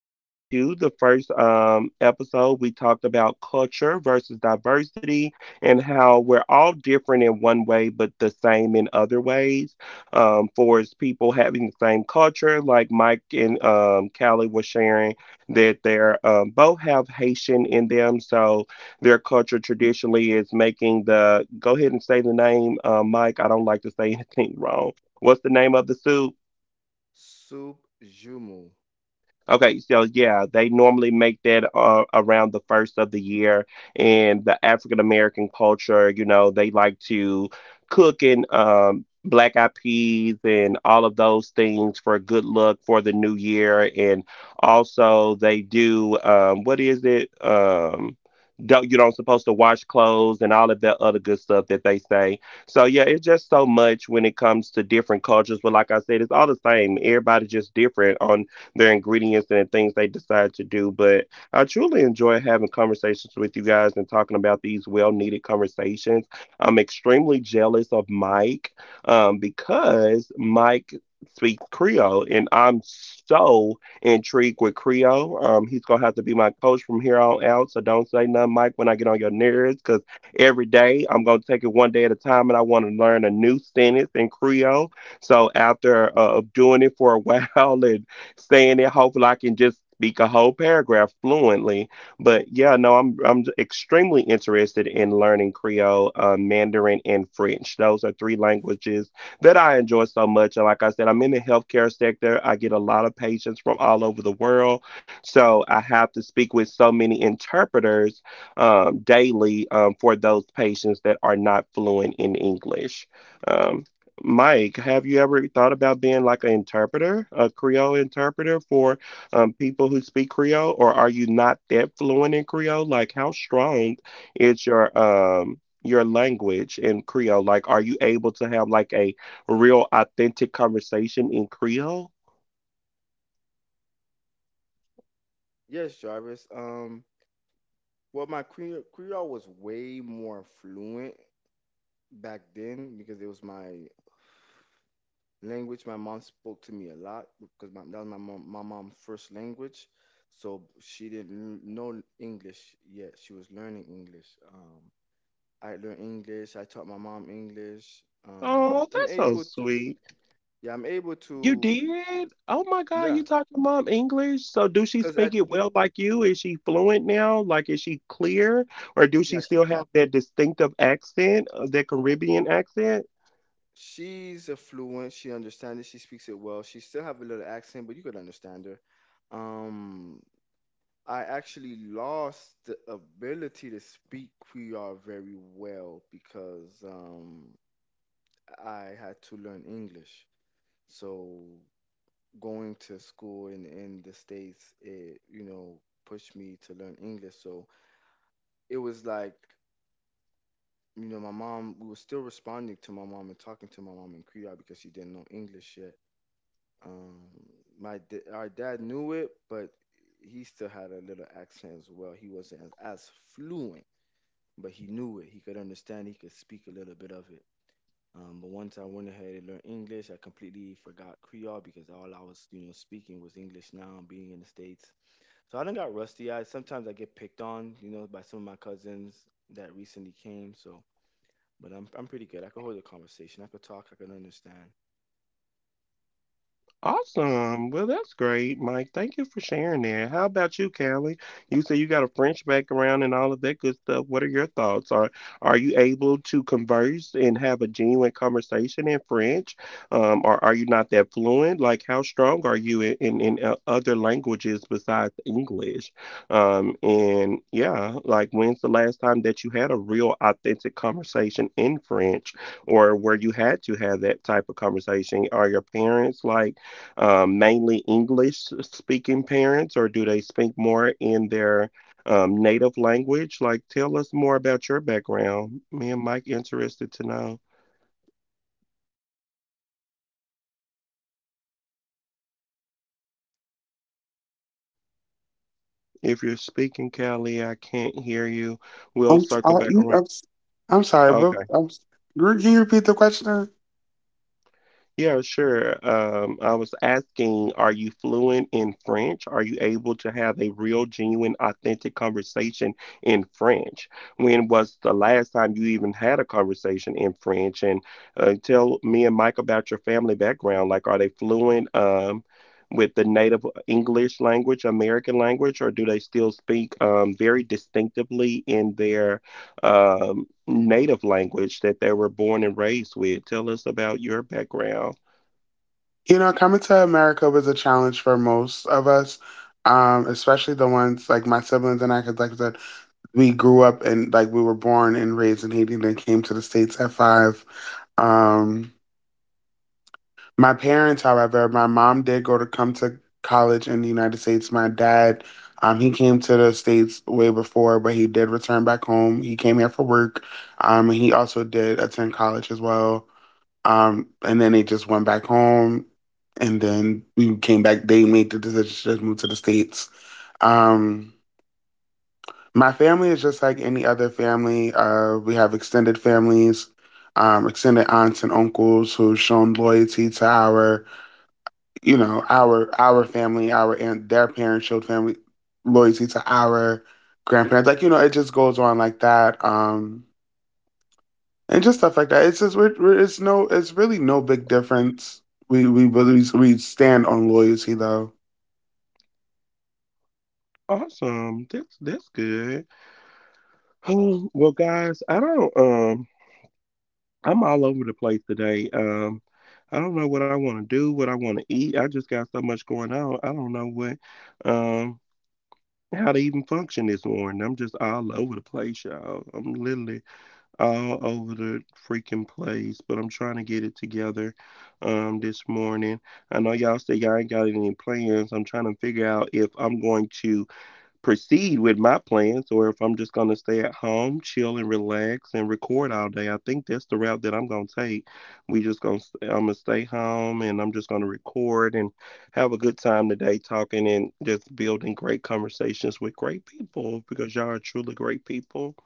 episode two. The first episode, we talked about culture versus diversity and how we're all different in one way, but the same in other ways. For as people having the same culture, like Mike and Callie were sharing, that they're both have Haitian in them. So, their culture traditionally is making the, go ahead and say the name, Mike. I don't like to say anything wrong. What's the name of the soup? Soup Jumu. Okay, so yeah, they normally make that around the first of the year. And the African American culture, you know, they like to cook and black eyed peas and all of those things for good luck for the new year. And also, they do what is it? Don't you don't supposed to wash clothes and all of that other good stuff that they say. So yeah, it's just so much when it comes to different cultures. But like I said, it's all the same. Everybody just different on their ingredients and the things they decide to do. But I truly enjoy having conversations with you guys and talking about these well needed conversations. I'm extremely jealous of Mike because Mike speaks Creole and I'm so intrigued with Creole. He's going to have to be my coach from here on out. So don't say nothing, Mike, when I get on your nerves because every day I'm going to take it one day at a time and I want to learn a new sentence in Creole. So after doing it for a while and saying it. Hopefully, I can just speak a whole paragraph fluently. But yeah, no, I'm extremely interested in learning Creole, Mandarin, and French. Those are three languages that I enjoy so much. And like I said, I'm in the healthcare sector. I get a lot of patients from all over the world, so I have to speak with so many interpreters daily for those patients that are not fluent in English. Um, Mike, have you ever thought about being like an interpreter, a Creole interpreter for people who speak Creole, or are you not that fluent in Creole? Like, how strong is your language in Creole? Like, are you able to have like a real authentic conversation in Creole? Yes, Jarvis. Well, my Creole was way more fluent back then because it was my language. My mom spoke to me a lot because that was my mom, my mom's first language. So she didn't know English yet. She was learning English. Um, I learned English. I taught my mom English. Oh, I'm that's so able to. sweet. Yeah, I'm able You to. did? Oh my God, Yeah, you taught your mom English. So do she because speak it well like you? Is she fluent now? Like, is she clear? Or do she yeah, still have that distinctive accent, that Caribbean accent? she's affluent. She understands it. She speaks it well. She still have a little accent, but you could understand her. Um, I actually lost the ability to speak Creole very well because I had to learn English. So going to school in the States, it, you know, pushed me to learn English. So it was like, you know, my mom. We were still responding to my mom and talking to my mom in Creole because she didn't know English yet. Um, our dad knew it, but he still had a little accent as well. He wasn't as fluent, but he knew it. He could understand. He could speak a little bit of it. But once I went ahead and learned English, I completely forgot Creole because all I was, you know, speaking was English. Now being in the states, so I done got rusty. I Sometimes I get picked on, you know, by some of my cousins that recently came. So, but I'm pretty good. I could hold a conversation. I could talk. I could understand. Awesome. Well, that's great, Mike. Thank you for sharing that. How about you, Callie? You say you got a French background and all of that good stuff. What are your thoughts? Are you able to converse and have a genuine conversation in French? Or are you not that fluent? Like, how strong are you in other languages besides English? And yeah, like, when's the last time that you had a real authentic conversation in French, or where you had to have that type of conversation? Are your parents like? Mainly English speaking parents, or do they speak more in their native language? Like, tell us more about your background. Me and Mike interested to know. If you're speaking, Callie, I can't hear you. We'll I'm s- circle I, back you, around. I'm, s- I'm sorry, but I'm, s- re- Can you repeat the question? Yeah, sure. I was asking, are you fluent in French? Are you able to have a real, genuine, authentic conversation in French? When was the last time you even had a conversation in French? And tell me and Mike about your family background. Like, are they fluent with the native English language, American language, or do they still speak very distinctively in their native language that they were born and raised with? Tell us about your background. Coming to America was a challenge for most of us, especially the ones like my siblings and I, because like I said, we grew up and we were born and raised in Haiti, and then came to the states at five. Um, My parents, however, my mom did go to come to college in the United States. My dad, he came to the States way before, but he did return back home. He came here for work. And he also did attend college as well. And then they just went back home. And then we came back. They made the decision to move to the States. Um, my family is just like any other family. We have extended families, extended aunts and uncles who've shown loyalty to our our family our and their parents showed family loyalty to our grandparents. It just goes on like that. And just stuff like that. It's just it's it's really no big difference. We really, we stand on loyalty though. Awesome. That's good. Oh, well, guys, I don't. I'm all over the place today. I don't know what I want to do, what I want to eat. I just got so much going on. I don't know what, um how to even function this morning. I'm just all over the place, y'all. I'm literally all over the freaking place, but I'm trying to get it together this morning. I know y'all say y'all ain't got any plans. I'm trying to figure out if I'm going to proceed with my plans or if I'm just going to stay at home, chill and relax and record all day. I think that's the route that I'm going to take. We just going to I'm going to stay home and I'm just going to record and have a good time today talking and just building great conversations with great people because y'all are truly great people.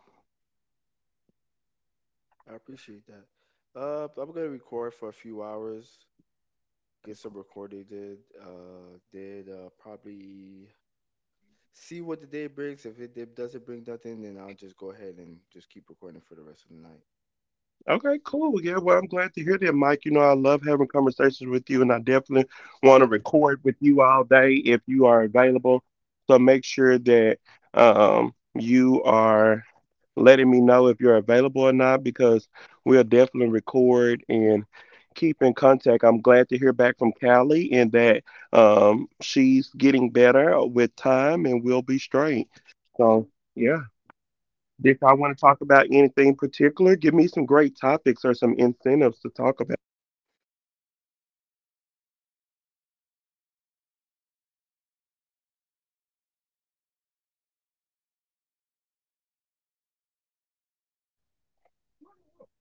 I appreciate that. I'm gonna record for a few hours, get some recording did, then probably see what the day brings. If it doesn't bring nothing, then I'll just go ahead and just keep recording for the rest of the night. Okay, cool. Yeah, well, I'm glad to hear that, Mike. You know, I love having conversations with you, and I definitely want to record with you all day if you are available. So make sure that you are letting me know if you're available or not, because we'll definitely record and keep in contact. I'm glad to hear back from Callie and that she's getting better with time, and we'll be straight. So, yeah. Did I want to talk about anything particular? Give me some great topics or some incentives to talk about.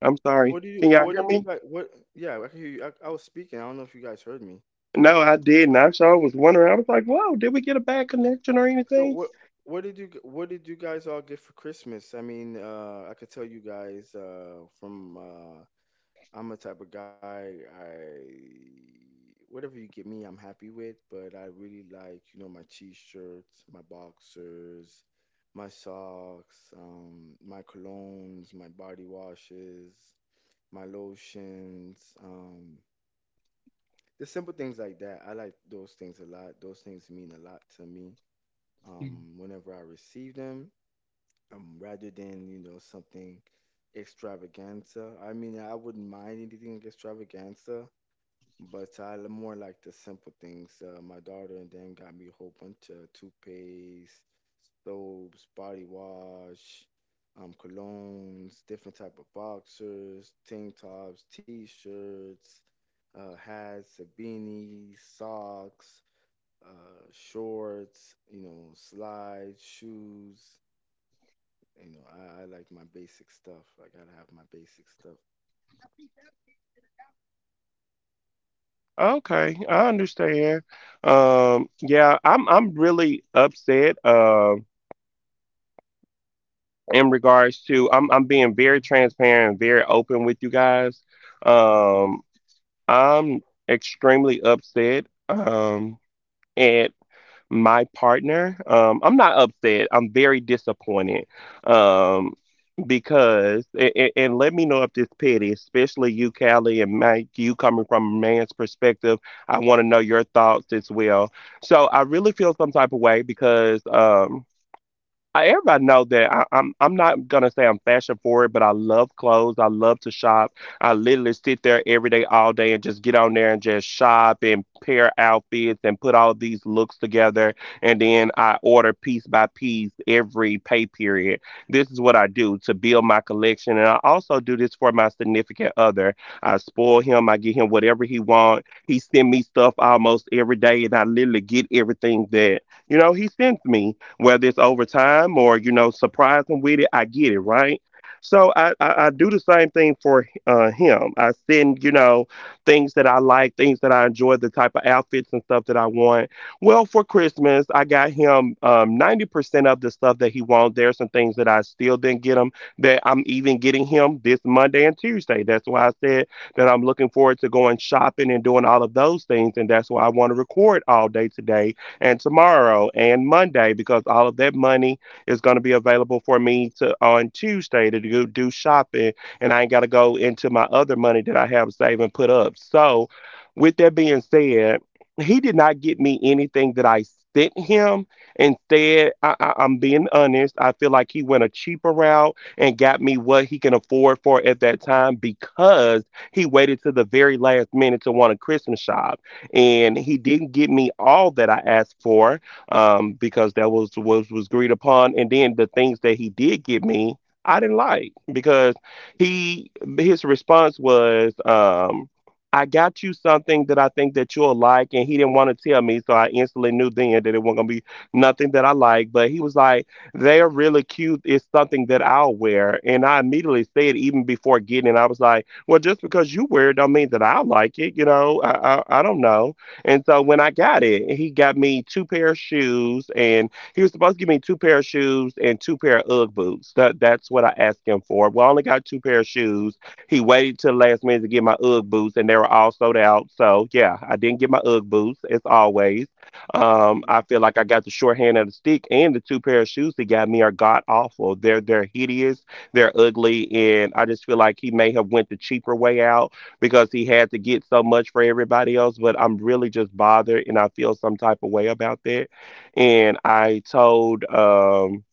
I'm So sorry. What did you? Can So y'all what hear did you me? guys? What? Yeah, I can hear you. I was speaking. I don't know if you guys heard me. No, I didn't. I sure was wondering. I was like, whoa, did we get a bad connection or So anything? what? What did you guys all get for Christmas? I mean, I could tell you guys from I'm a type of guy, I whatever you get me, I'm happy with, but I really like, you know, my t-shirts, my boxers, my socks, my colognes, my body washes, my lotions, the simple things like that. I like those things a lot. Those things mean a lot to me. Whenever I receive them, rather than, you know, something extravaganza. I mean, I wouldn't mind anything extravaganza, but more like the simple things. My daughter and them got me a whole bunch of toothpaste, soaps, body wash, colognes, different type of boxers, tank tops, t-shirts, hats, beanies, socks, uh, shorts, you know, slides, shoes. You know, I like my basic stuff. I gotta have my basic stuff. Okay, I understand. Yeah, I'm really upset in regards to, I'm being very transparent, very open with you guys. Um, I'm extremely upset. At my partner, I'm not upset. I'm very disappointed. Um, because and let me know if this petty, especially you, Callie, and Mike, you coming from a man's perspective. I want to know your thoughts as well. So I really feel some type of way because I, everybody know that I'm not gonna say I'm fashion forward, but I love clothes. I love to shop. I literally sit there every day, all day, and just get on there and just shop and pair outfits and put all these looks together, and then I order piece by piece every pay period. This is what I do to build my collection, and I also do this for my significant other. I spoil him. I get him whatever he wants. He send me stuff almost every day, and I literally get everything that, you know, he sends me, whether it's over time or, you know, surprise him with it. I get it, right? So I do the same thing for him. I send, you know, things that I like, things that I enjoy, the type of outfits and stuff that I want. Well, for Christmas, I got him 90% of the stuff that he wants. There's some things that I still didn't get him that I'm even getting him this Monday and Tuesday. That's why I said that I'm looking forward to going shopping and doing all of those things, and that's why I want to record all day today and tomorrow and Monday because all of that money is going to be available for me to on Tuesday to do shopping, and I ain't got to go into my other money that I have saved and put up. So, with that being said, he did not get me anything that I sent him. Instead, I'm being honest. I feel like he went a cheaper route and got me what he can afford for at that time because he waited to the very last minute to want to Christmas shop and he didn't give me all that I asked for because that was agreed upon. And then the things that he did give me, I didn't like because he his response was, "I got you something that I think that you'll like," and he didn't want to tell me, so I instantly knew then that it wasn't gonna be nothing that I like. But he was like, "They're really cute. It's something that I'll wear," and I immediately said, even before getting it, I was like, well, just because you wear it don't mean that I like it. You know, I don't know. And so when I got it, he got me two pair of shoes, and he was supposed to give me two pair of shoes and two pair of UGG boots. That's what I asked him for. Well, I only got two pair of shoes. He waited till the last minute to get my UGG boots, and they were all sold out. So yeah, I didn't get my UGG boots as always. I feel like I got the short hand of the stick, and the two pair of shoes he got me are god awful. They're hideous, they're ugly, and I just feel like he may have went the cheaper way out because he had to get so much for everybody else. But I'm really just bothered, and I feel some type of way about that. And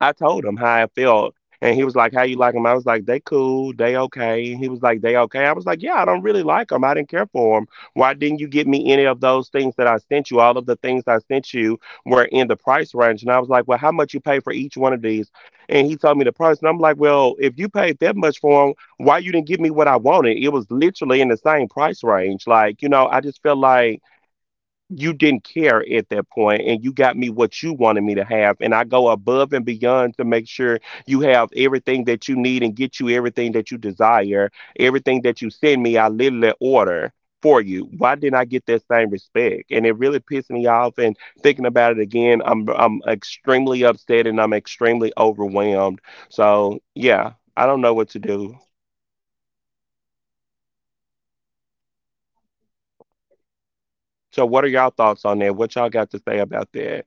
I told him how I felt, and he was like, "How you like them?" I was like, "They cool, they okay." He was like, "They okay." I was like, "Yeah, I don't really like them. I didn't care for them. Why didn't you get me any of those things that I sent you? All of the things I sent you were in the price range." And I was like, "Well, how much you pay for each one of these?" And he told me the price, and I'm like, "Well, if you paid that much for them, why you didn't give me what I wanted? It was literally in the same price range. Like, you know, I just felt like." You didn't care at that point, and you got me what you wanted me to have. And I go above and beyond to make sure you have everything that you need and get you everything that you desire. Everything that you send me, I literally order for you. Why didn't I get that same respect? And it really pissed me off, and thinking about it again, I'm extremely upset, and I'm extremely overwhelmed. So yeah, I don't know what to do. So, what are y'all thoughts on that? What y'all got to say about that?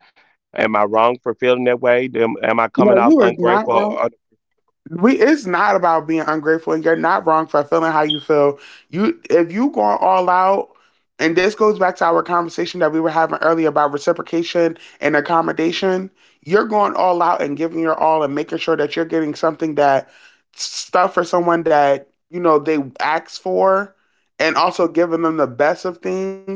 Am I wrong for feeling that way? Am I coming No, off you were not ungrateful? wrong. Or- We It's not about being ungrateful, and you're not wrong for feeling how you feel. You If you going all out, and this goes back to our conversation that we were having earlier about reciprocation and accommodation, you're going all out and giving your all and making sure that you're getting something that stuff for someone that you know they ask for, and also giving them the best of things.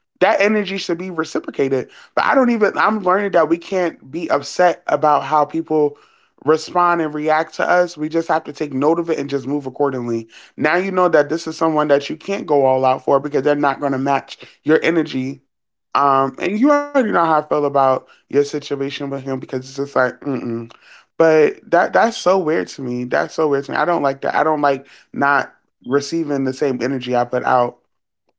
That energy should be reciprocated. But I don't even, I'm learning that we can't be upset about how people respond and react to us. We just have to take note of it and just move accordingly. Now you know that this is someone that you can't go all out for because they're not going to match your energy. And you already know how I feel about your situation with him, because it's just like, mm-mm. But that, that's so weird to me. That's so weird to me. I don't like that. I don't like not receiving the same energy I put out.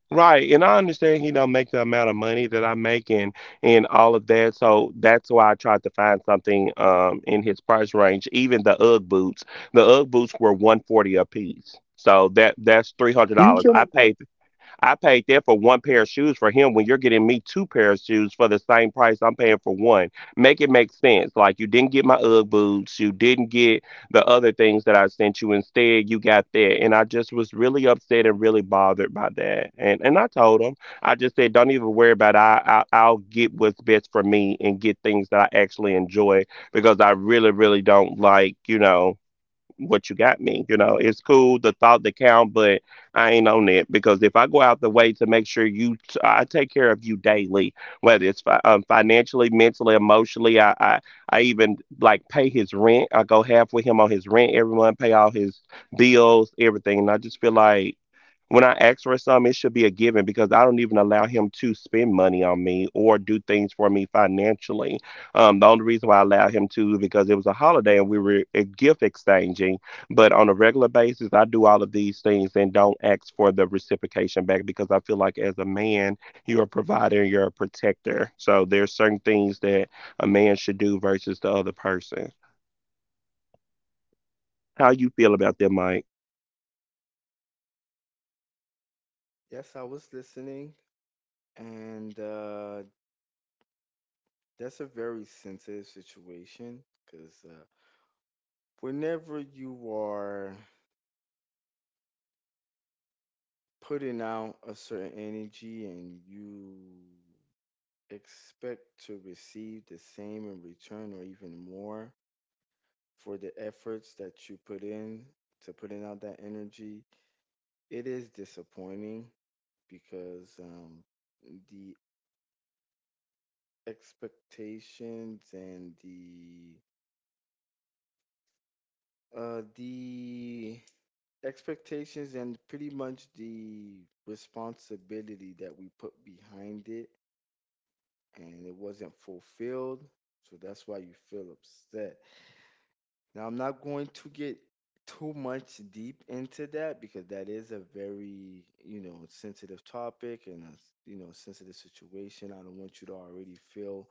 Right, and I understand he don't make the amount of money that I'm making and all of that, so that's why I tried to find something in his price range. Even the UGG boots were 140 a piece, so that that's You $300. I shouldn't. paid I paid there for one pair of shoes for him when you're getting me two pairs of shoes for the same price I'm paying for one. Make it make sense. Like, you didn't get my UGG boots, you didn't get the other things that I sent you. Instead, you got that. And I just was really upset and really bothered by that. And I told him, I just said, don't even worry about it. I'll get what's best for me and get things that I actually enjoy because I really really don't like, you know, what you got me. You know, it's cool, the thought that count, but I ain't on it because if I go out the way to make sure you, I take care of you daily, whether it's financially, mentally, emotionally. I even like pay his rent. I go half with him on his rent every month, pay all his bills, everything, and I just feel like. When I ask for some, it should be a given because I don't even allow him to spend money on me or do things for me financially. The only reason why I allowed him to is because it was a holiday and we were gift exchanging. But on a regular basis, I do all of these things and don't ask for the reciprocation back because I feel like as a man, you're a provider, you're a protector. So there's certain things that a man should do versus the other person. How you feel about that, Mike? Yes, I was listening. And that's a very sensitive situation because whenever you are putting out a certain energy and you expect to receive the same in return or even more for the efforts that you put in to putting out that energy, it is disappointing because the expectations and the the expectations and pretty much the responsibility that we put behind it and it wasn't fulfilled, so that's why you feel upset. Now I'm not going to get too much deep into that because that is a, very you know, sensitive topic and a you know, sensitive situation. I don't want you to already feel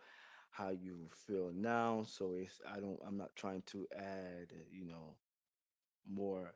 how you feel now, so it's I don't I'm not trying to add, you know, more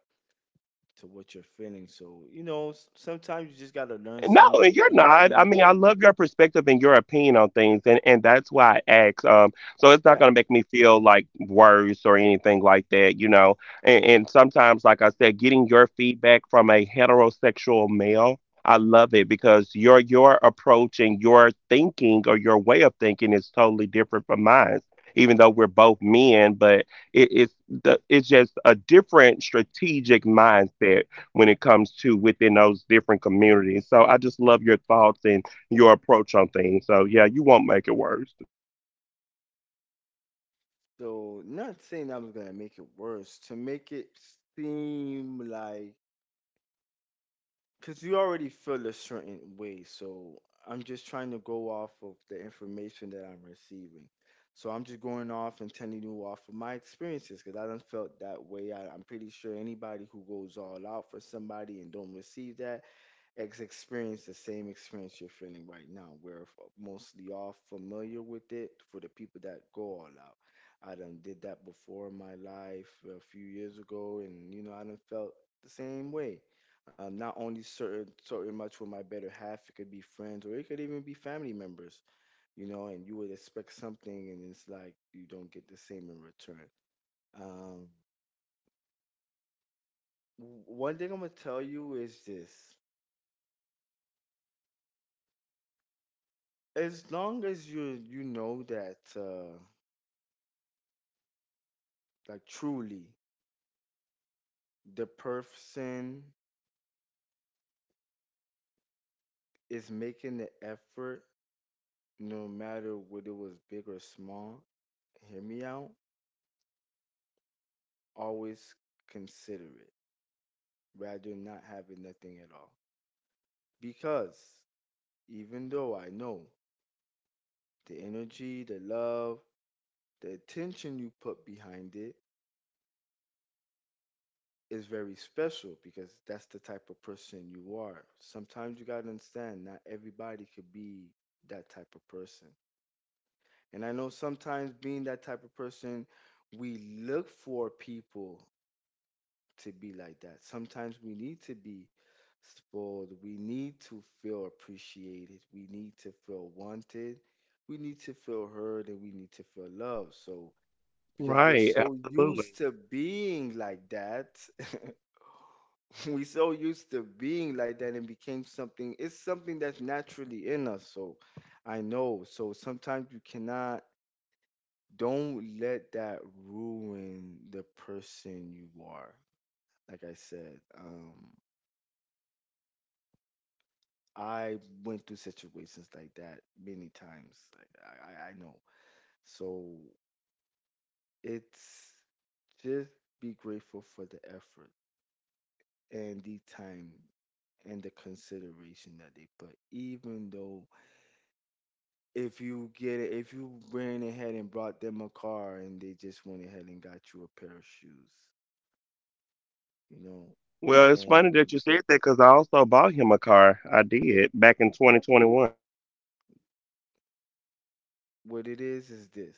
to what you're feeling. So, you know, sometimes you just got to learn No, some and you're certain not. I things. mean, I love your perspective and your opinion on things, and that's why I asked. So it's not Yeah. gonna make me feel like worse or anything like that, you know. And sometimes, like I said, getting your feedback from a heterosexual male, I love it because your approach and your thinking or your way of thinking is totally different from mine. Even though we're both men, but it, it's it's just a different strategic mindset when it comes to within those different communities. So I just love your thoughts and your approach on things. So yeah, you won't make it worse. So, not saying I'm going to make it worse, to make it seem like, because you already feel a certain way. So, I'm just trying to go off of the information that I'm receiving. So, I'm just going off and telling you off of my experiences because I done felt that way. I'm pretty sure anybody who goes all out for somebody and don't receive that ex experience the same experience you're feeling right now. We're mostly all familiar with it for the people that go all out. I done did that before in my life a few years ago, and you know I done felt the same way. Not only certain much with my better half, it could be friends or it could even be family members, you know. And you would expect something, and it's like you don't get the same in return. Um, One thing I'm gonna tell you is this: as long as you, you know that, like, truly the person is making the effort, no matter whether it was big or small, hear me out, always consider it rather than not having nothing at all. Because even though I know the energy, the love, the attention you put behind it is very special, because that's the type of person you are. Sometimes you got to understand not everybody could be that type of person. And I know sometimes being that type of person, we look for people to be like that. Sometimes we need to be spoiled. We need to feel appreciated. We need to feel wanted. We need to feel heard and we need to feel loved. So, because we're Right, so absolutely. used to being like that. We so used to being like that, and became something, it's something that's naturally in us. So I know, so sometimes you cannot, don't let that ruin the person you are. Like I said, I went through situations like that many times. Like I know. So it's just be grateful for the effort and the time and the consideration that they put, even though, if you get it, if you ran ahead and brought them a car and they just went ahead and got you a pair of shoes, you know, Well, it's funny that and you said that because I also bought him a car. I did back in 2021. what it is this: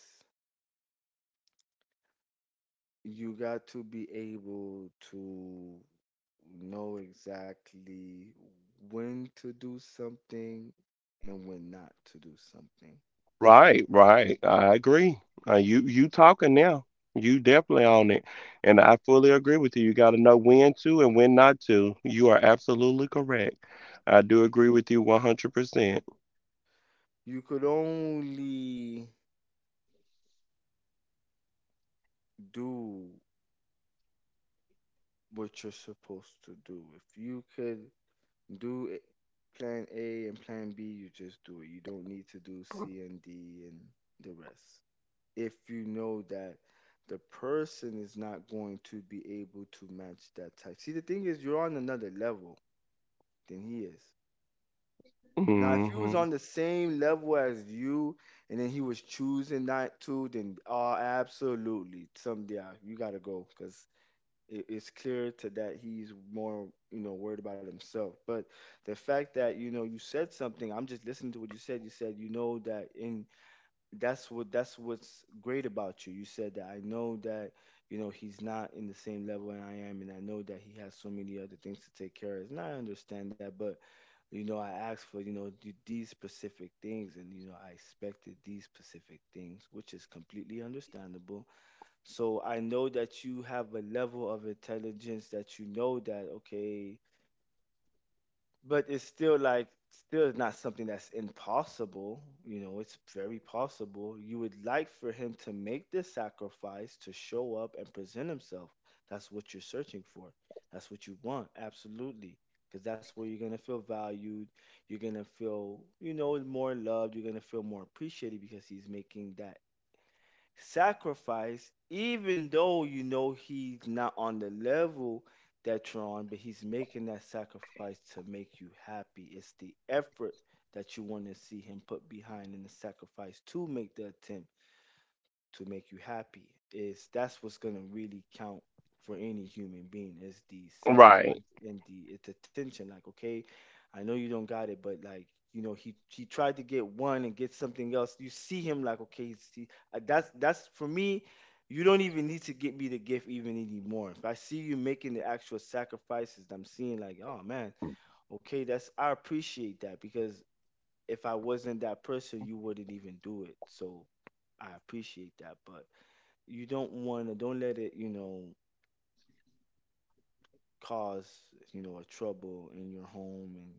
you got to be able to know exactly when to do something and when not to do something. Right, right. I agree. You you talking now. You definitely on it. And I fully agree with you. You got to know when to and when not to. You are absolutely correct. I do agree with you 100%. Percent. You could only do what you're supposed to do. If you could do it- plan A and plan B, you just do it. You don't need to do C and D and the rest. If you know that the person is not going to be able to match that type. See, the thing is, you're on another level than he is. Now, if he was Hmm. on the same level as you and then he was choosing not to, then absolutely, someday you got to go, because it's clear to that he's more, you know, worried about himself. But the fact that, you know, you said something, I'm just listening to what you said. You said, you know, that in, that's what, that's what's great about you. You said that, I know that, you know, he's not in the same level and I am, and I know that he has so many other things to take care of and I understand that, but, you know, I asked for, you know, these specific things and, you know, I expected these specific things, which is completely understandable. So I know that you have a level of intelligence that you know that, okay, but it's still like, still is not something that's impossible. You know, it's very possible. You would like for him to make this sacrifice to show up and present himself. That's what you're searching for. That's what you want. Absolutely. Because that's where you're going to feel valued. You're going to feel, you know, more loved. You're going to feel more appreciated because he's making that sacrifice, even though you know he's not on the level that you're on, but he's making that sacrifice to make you happy. It's the effort that you want to see him put behind in the sacrifice, to make the attempt to make you happy, is that's what's going to really count for any human being is the Right. sacrifice and the it's attention. Like, okay, I know you don't got it, but like, he tried to get one and get something else. You see him like, okay, see, that's for me. You don't even need to get me the gift even anymore. If I see you making the actual sacrifices, I'm seeing like, oh man, okay, that's, I appreciate that. Because if I wasn't that person, you wouldn't even do it, so I appreciate that. But you don't want to, don't let it, cause, a trouble in your home and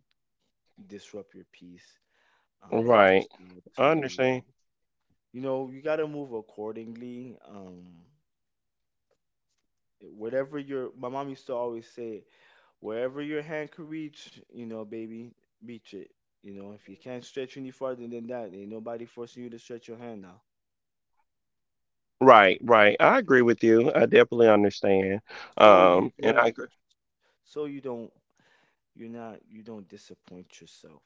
disrupt your peace. You Right. just need I to, understand. You got to move accordingly. Um, whatever your, my mom used to always say, wherever your hand could reach, baby, reach it. If you can't stretch any farther than that, ain't nobody forcing you to stretch your hand now. Right, right. I agree with you. I definitely understand. So you And I don't, agree. so you don't you're not, you don't disappoint yourself,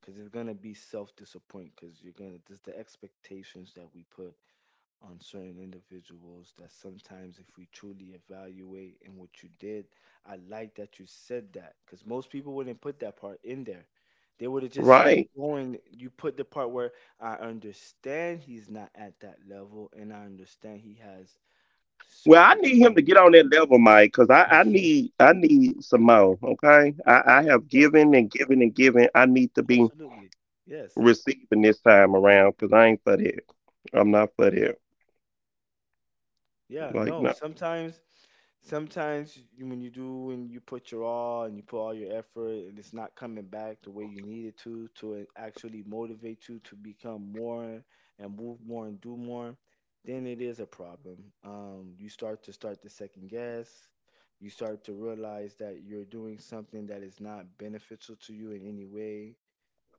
because it's gonna be self disappoint. Because you're gonna just, the expectations that we put on certain individuals that sometimes if we truly evaluate in what you did, I like that you said that, because most people wouldn't put that part in there. They would have just kept Right. going. You put the part where I understand he's not at that level and I understand he has Well, I certain need him to things. get on that level, Mike, because I need some more. Okay. I have Yes, given and given and given. I need to be absolutely. Yes. receiving this time around because I ain't for that. I'm not for that. Yeah, Like, no, no. sometimes when you do and you put your all and you put all your effort and it's not coming back the way you need it to actually motivate you to become more and move more and do more, then it is a problem. You start to second guess. You start to realize that you're doing something that is not beneficial to you in any way.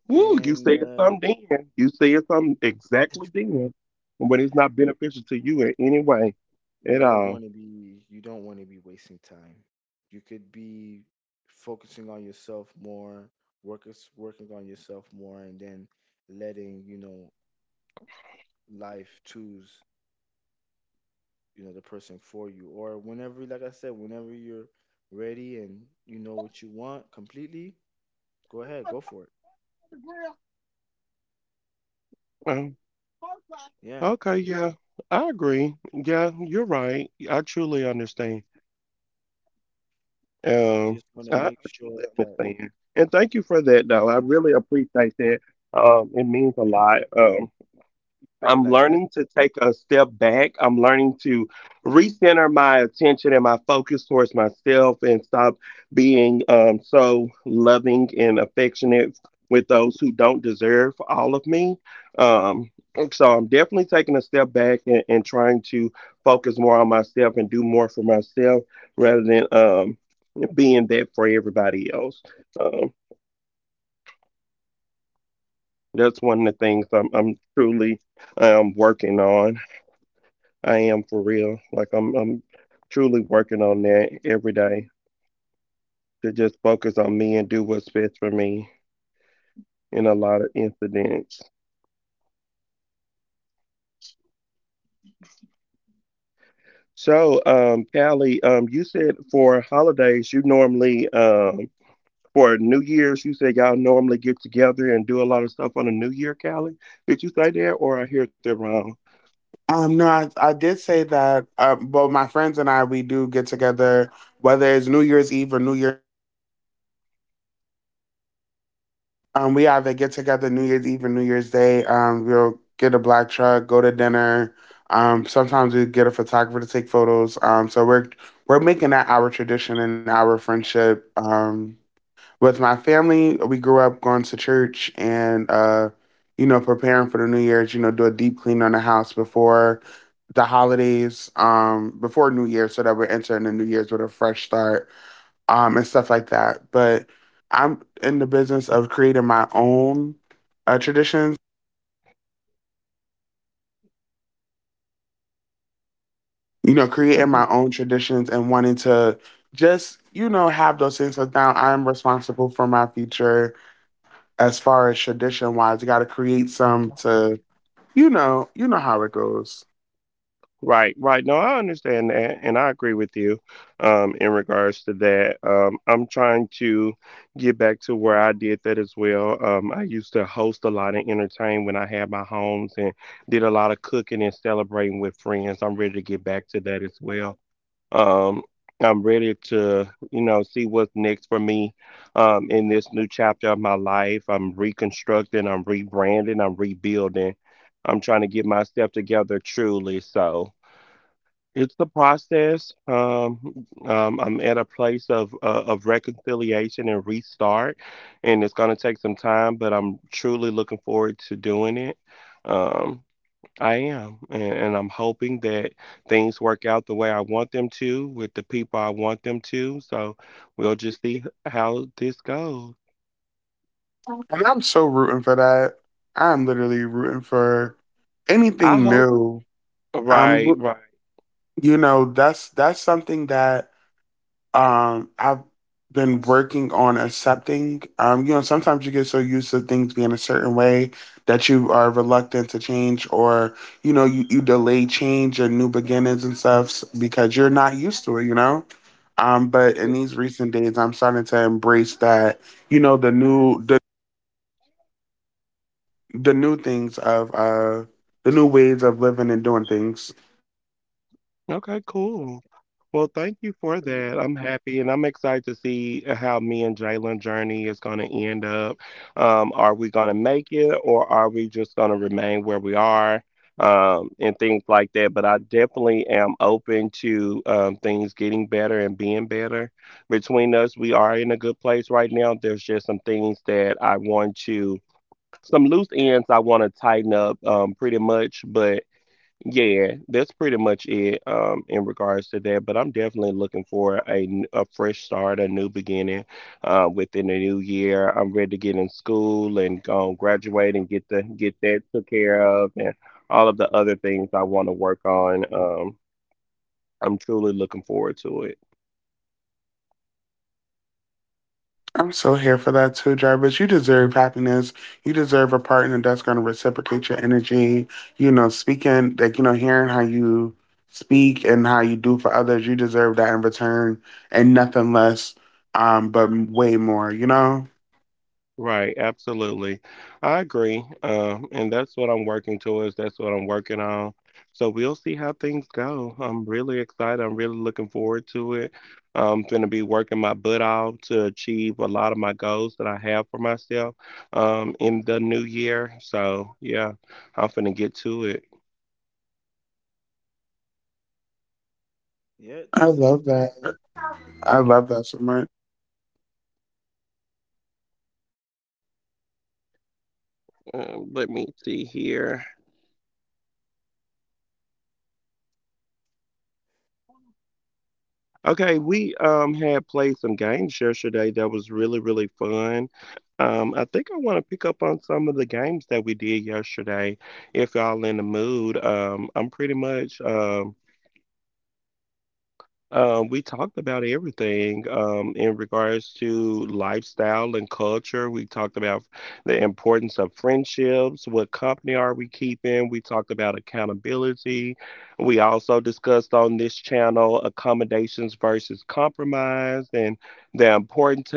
Woo, you And said something then. You said something exactly then. But it's not beneficial to you in any way you at don't all. want to be you don't want to be wasting time. You could be focusing on yourself more, work working on yourself more, and then letting, life choose, the person for you. Or whenever, like I said, whenever you're ready and you know what you want completely, go ahead, go for it. Um, Yeah, okay, yeah, I agree. Yeah, you're right. I truly understand. you just Um, want to I make sure truly that understand. And thank you for that, though. I really appreciate that. It means a lot. you feel it I'm like that. learning to take a step back. I'm learning to recenter my attention and my focus towards myself and stop being so loving and affectionate with those who don't deserve all of me. Um, so I'm definitely taking a step back and trying to focus more on myself and do more for myself rather than being that for everybody else. Um, that's one of the things I'm truly working on. I am for real. Like I'm truly working on that every day to just focus on me and do what's best for me in a lot of incidents. So, Callie, you said for holidays you normally for New Year's you said y'all normally get together and do a lot of stuff on the New Year, Callie. Did you say that or I heard that wrong? No, I did say that. Well, my friends and I, we do get together, whether it's New Year's Eve or New Year. We either get together New Year's Eve or New Year's Day. We'll get a black truck, go to dinner. Sometimes we get a photographer to take photos. So we're making that our tradition and our friendship. With my family, we grew up going to church and you know, preparing for the New Year's, you know, do a deep clean on the house before the holidays, before New Year's so that we're entering the New Year's with a fresh start, and stuff like that. But I'm in the business of creating my own traditions, you know, creating my own traditions and wanting to just, you know, have those things because now I'm responsible for my future as far as tradition wise. You gotta create some to. You know how it goes. Right, right. No, I understand that, and I agree with you in regards to that. I'm trying to get back to where I did that as well. I used to host a lot of, entertain when I had my homes and did a lot of cooking and celebrating with friends. I'm ready to get back to that as well. Um, I'm ready to, you know, see what's next for me in this new chapter of my life. I'm reconstructing, I'm rebranding, I'm rebuilding. I'm trying to get myself together truly. So. It's the process. I'm at a place of reconciliation and restart, and it's gonna take some time, but I'm truly looking forward to doing it. Um, I am, and I'm hoping that things work out the way I want them to with the people I want them to. So we'll just see how this goes. And I'm so rooting for that. I'm literally rooting for I anything hope. new. I'm Right, roo- right. you know, that's something that I've been working on accepting. You know, sometimes you get so used to things being a certain way that you are reluctant to change, or you know, you delay change and new beginnings because you're not used to it, you know? But in these recent days I'm starting to embrace that you know the new things of the new ways of living and doing things. Okay, cool. Well, thank you for that. I'm happy, and I'm excited to see how me and Jalen journey is going to end up. Are we going to make it, or are we just going to remain where we are? And things like that. But I definitely am open to things getting better and being better. Between us, we are in a good place right now. There's just some things that I want to, some loose ends I want to tighten up, pretty much. But yeah, that's pretty much it, in regards to that. But I'm definitely looking for a fresh start, a new beginning within the new year. I'm ready to get in school and graduate and get that took care of and all of the other things I want to work on. I'm truly looking forward to it. I'm so here for that too, Jarvis. You deserve happiness. You deserve a partner that's gonna reciprocate your energy. You know, speaking like you know, hearing how you speak and how you do for others, you deserve that in return and nothing less, but way more, you know? Right, absolutely. I agree. And that's what I'm working towards. That's what I'm working on. So we'll see how things go. I'm really excited. I'm really looking forward to it. I'm going to be working my butt off to achieve a lot of my goals that I have for myself in the new year. So, yeah, I'm going to get to it. Yeah, I that sounds love that. great. I Yeah. love that so much. Let me see here. Okay, we had played some games yesterday that was really, really fun. I think I want to pick up on some of the games that we did yesterday if y'all in the mood. I'm pretty much we talked about everything in regards to lifestyle and culture. We talked about the importance of friendships. What company are we keeping? We talked about accountability. We also discussed on this channel accommodations versus compromise and the importance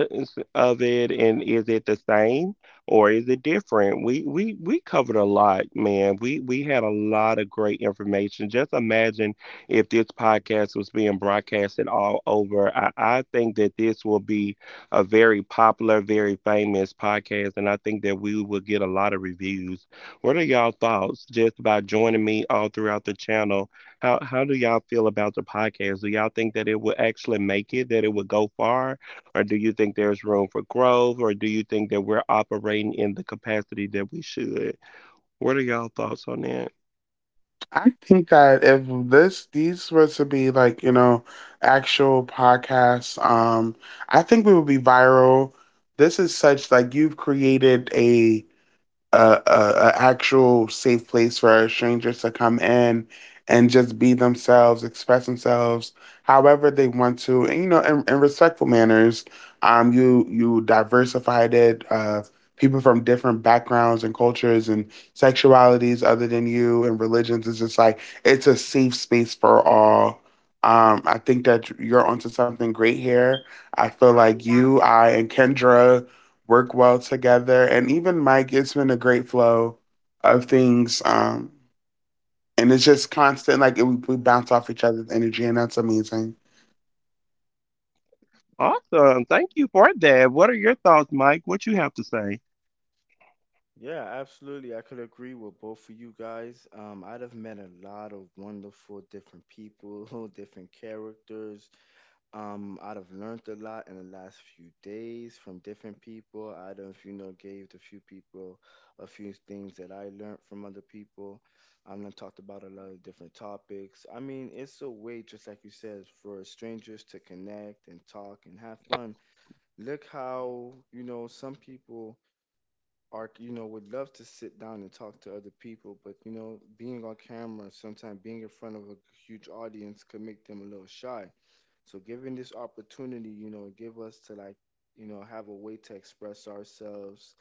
of it. And is it the same or is it different? We covered a lot, man. We had a lot of great information. Just imagine if this podcast was being broadcasted all over. I think that this will be a very popular, very famous podcast, and I think that we will get a lot of reviews. What are y'all thoughts just by joining me all throughout the channel? How do y'all feel about the podcast? Do y'all think that it will actually make it, that it will go far, or do you think there's room for growth, or do you think that we're operating in the capacity that we should? What are y'all thoughts on that? I think that if this these were to be like, you know, actual podcasts, I think we would be viral. This is such like you've created a actual safe place for strangers to come in and just be themselves, express themselves however they want to, and you know, in respectful manners. You you diversified it. People from different backgrounds and cultures and sexualities other than you and religions. It's just like it's a safe space for all. I think that you're onto something great here. I feel like you, I, and Kendra work well together. And even Mike, it's been a great flow of things. And it's just constant, like it, we bounce off each other's energy, and that's amazing. Awesome. Thank you for that. What are your thoughts, Mike? What you have to say? Yeah, absolutely. I could agree with both of you guys. I'd have met a lot of wonderful different people, different characters. I'd have learned a lot in the last few days from different people. I'd have, you know, gave the few people a few things that I learned from other people. And talked about a lot of different topics. I mean, it's a way, just like you said, for strangers to connect and talk and have fun. Look how, you know, some people Ark, you know, would love to sit down and talk to other people, but you know, being on camera, sometimes being in front of a huge audience could make them a little shy. So, given this opportunity, you know, give us to like, you know, have a way to express ourselves,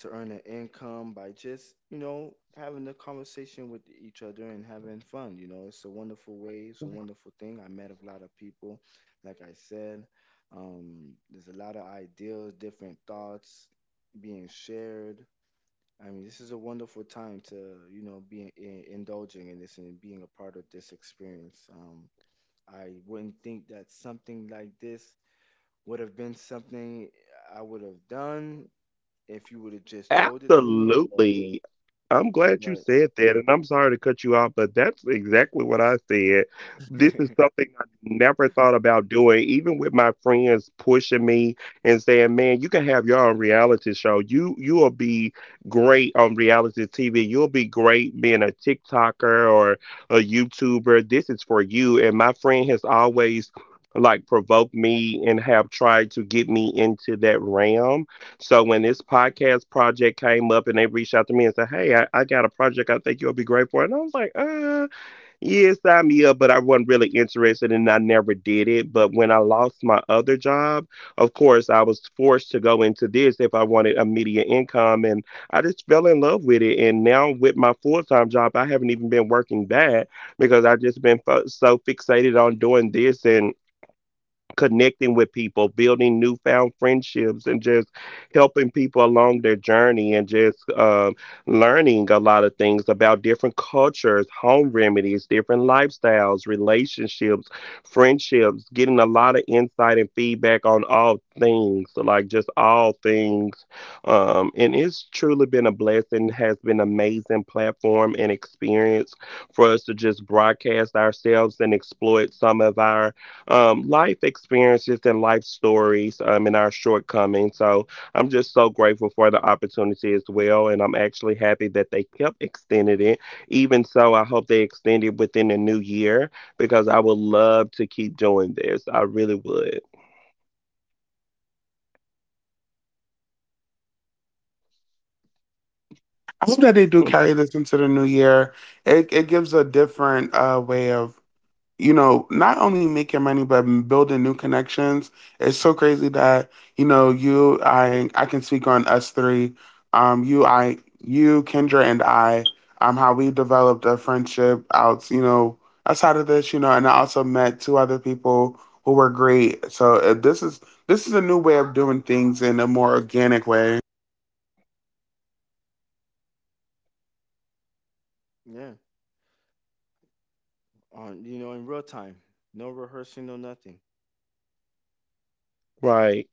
to earn an income by just, you know, having a conversation with each other and having fun. You know, it's a wonderful way, it's a wonderful thing. I met a lot of people, like I said. There's a lot of ideas, different thoughts being shared. I mean, this is a wonderful time to, you know, be indulging in this and being a part of this experience. I wouldn't think that something like this would have been something I would have done if you would have just told it to me, Absolutely. I'm glad you but said that, and I'm sorry to cut you off, but that's exactly what I said. This is something I never thought about doing, even with my friends pushing me and saying, "Man, you can have your own reality show. You will be great on reality TV. You'll be great being a TikToker or a YouTuber. This is for you." And my friend has always like provoked me and have tried to get me into that realm so when this podcast project came up and they reached out to me and said, "Hey, I got a project I think you'll be great for." And I was like, yeah, sign me up, but I wasn't really interested and I never did it. But when I lost my other job, of course I was forced to go into this if I wanted immediate income and I just fell in love with it. And now with my full time job, I haven't even been working that because I've just been so fixated on doing this and connecting with people, building newfound friendships, and just helping people along their journey and just learning a lot of things about different cultures, home remedies, different lifestyles, relationships, friendships, getting a lot of insight and feedback on all things, like just all things. And it's truly been a blessing, has been amazing platform and experience for us to just broadcast ourselves and exploit some of our life experiences and life stories and our shortcomings. So I'm just so grateful for the opportunity as well. And I'm actually happy that they kept extending it. Even so, I hope they extend it within the new year because I would love to keep doing this. I really would. I hope that they do carry this into the new year. It gives a different way of you know, not only making money but building new connections. It's so crazy that you know I can speak on us three. I, you, Kendra, and I. How we developed a friendship out, you know, outside of this, you know, and I also met two other people who were great. So this is a new way of doing things in a more organic way. yeah, on, you know, in real time, no rehearsing, no nothing. Right.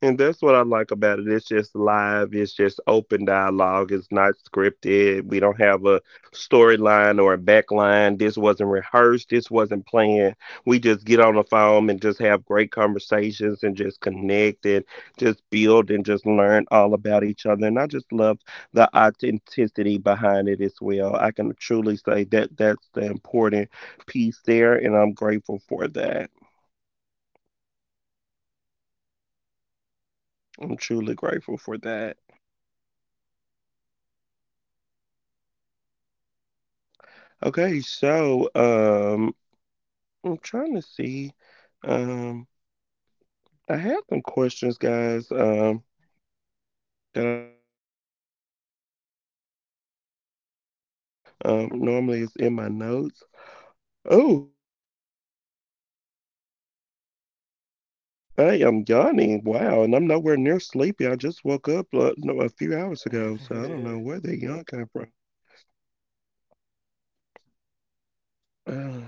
And that's what I like about it. It's just live, it's just open dialogue, it's not scripted. We don't have a storyline or a backline. This wasn't rehearsed, this wasn't planned. We just get on the phone and just have great conversations and just connect and just build and just learn all about each other. And I just love the authenticity behind it as well. I can truly say that that's the important piece there, and I'm grateful for that. I'm truly grateful for that. Okay, so I'm trying to see. Um, I had some questions, guys, that I wanted to ask y'all. I should have had this already pulled up. Normally it's in my notes. Oh my God, I'm sorry. I am yawning. Wow, and I'm nowhere near sleepy. I just woke up no, a few hours ago, so I don't know where the yawn came from.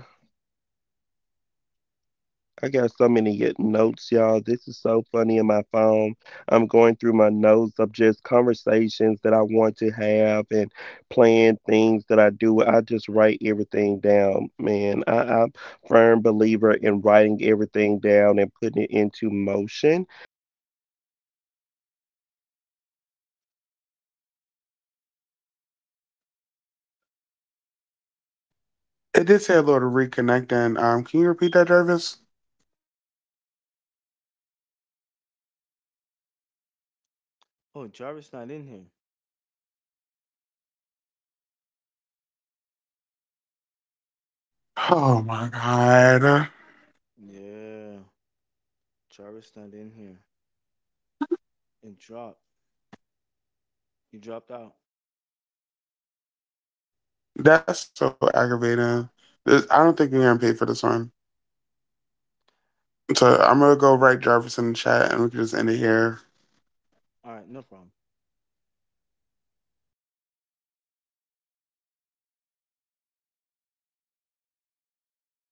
I got so many notes, y'all. This is so funny in my phone. I'm going through my notes of just conversations that I want to have and plan things that I do. I just write everything down, man. I'm a firm believer in writing everything down and putting it into motion. And I and even the Bible teaches us if you write the vision, you make it plain. So I love just jotting things down It did and, say a and little going back to them reconnecting. and Can you reading them, repeat that, it just Jarvis? truly makes me so happy. Oh, Jarvis not in here. Okay, Oh my so god. In a Yeah, in a new Jarvis day, not in here. um. It What are dropped. y'all career plans? I don't think we He ever dropped just got out. into career plans That's so that entirely. aggravating. What are y'all This, career I don't think we're gonna plans? pay for this Do y'all one. have any career goals? I know, So Callie, I'm you're gonna doing go write Jarvis in the cybersecurity. chat, and we can just end So it when you here. graduate, what do you All right, plan no to do problem. with that cybersecurity degree? Like, where are you going to take that? Do you want to work for the government? Oh, God, Callie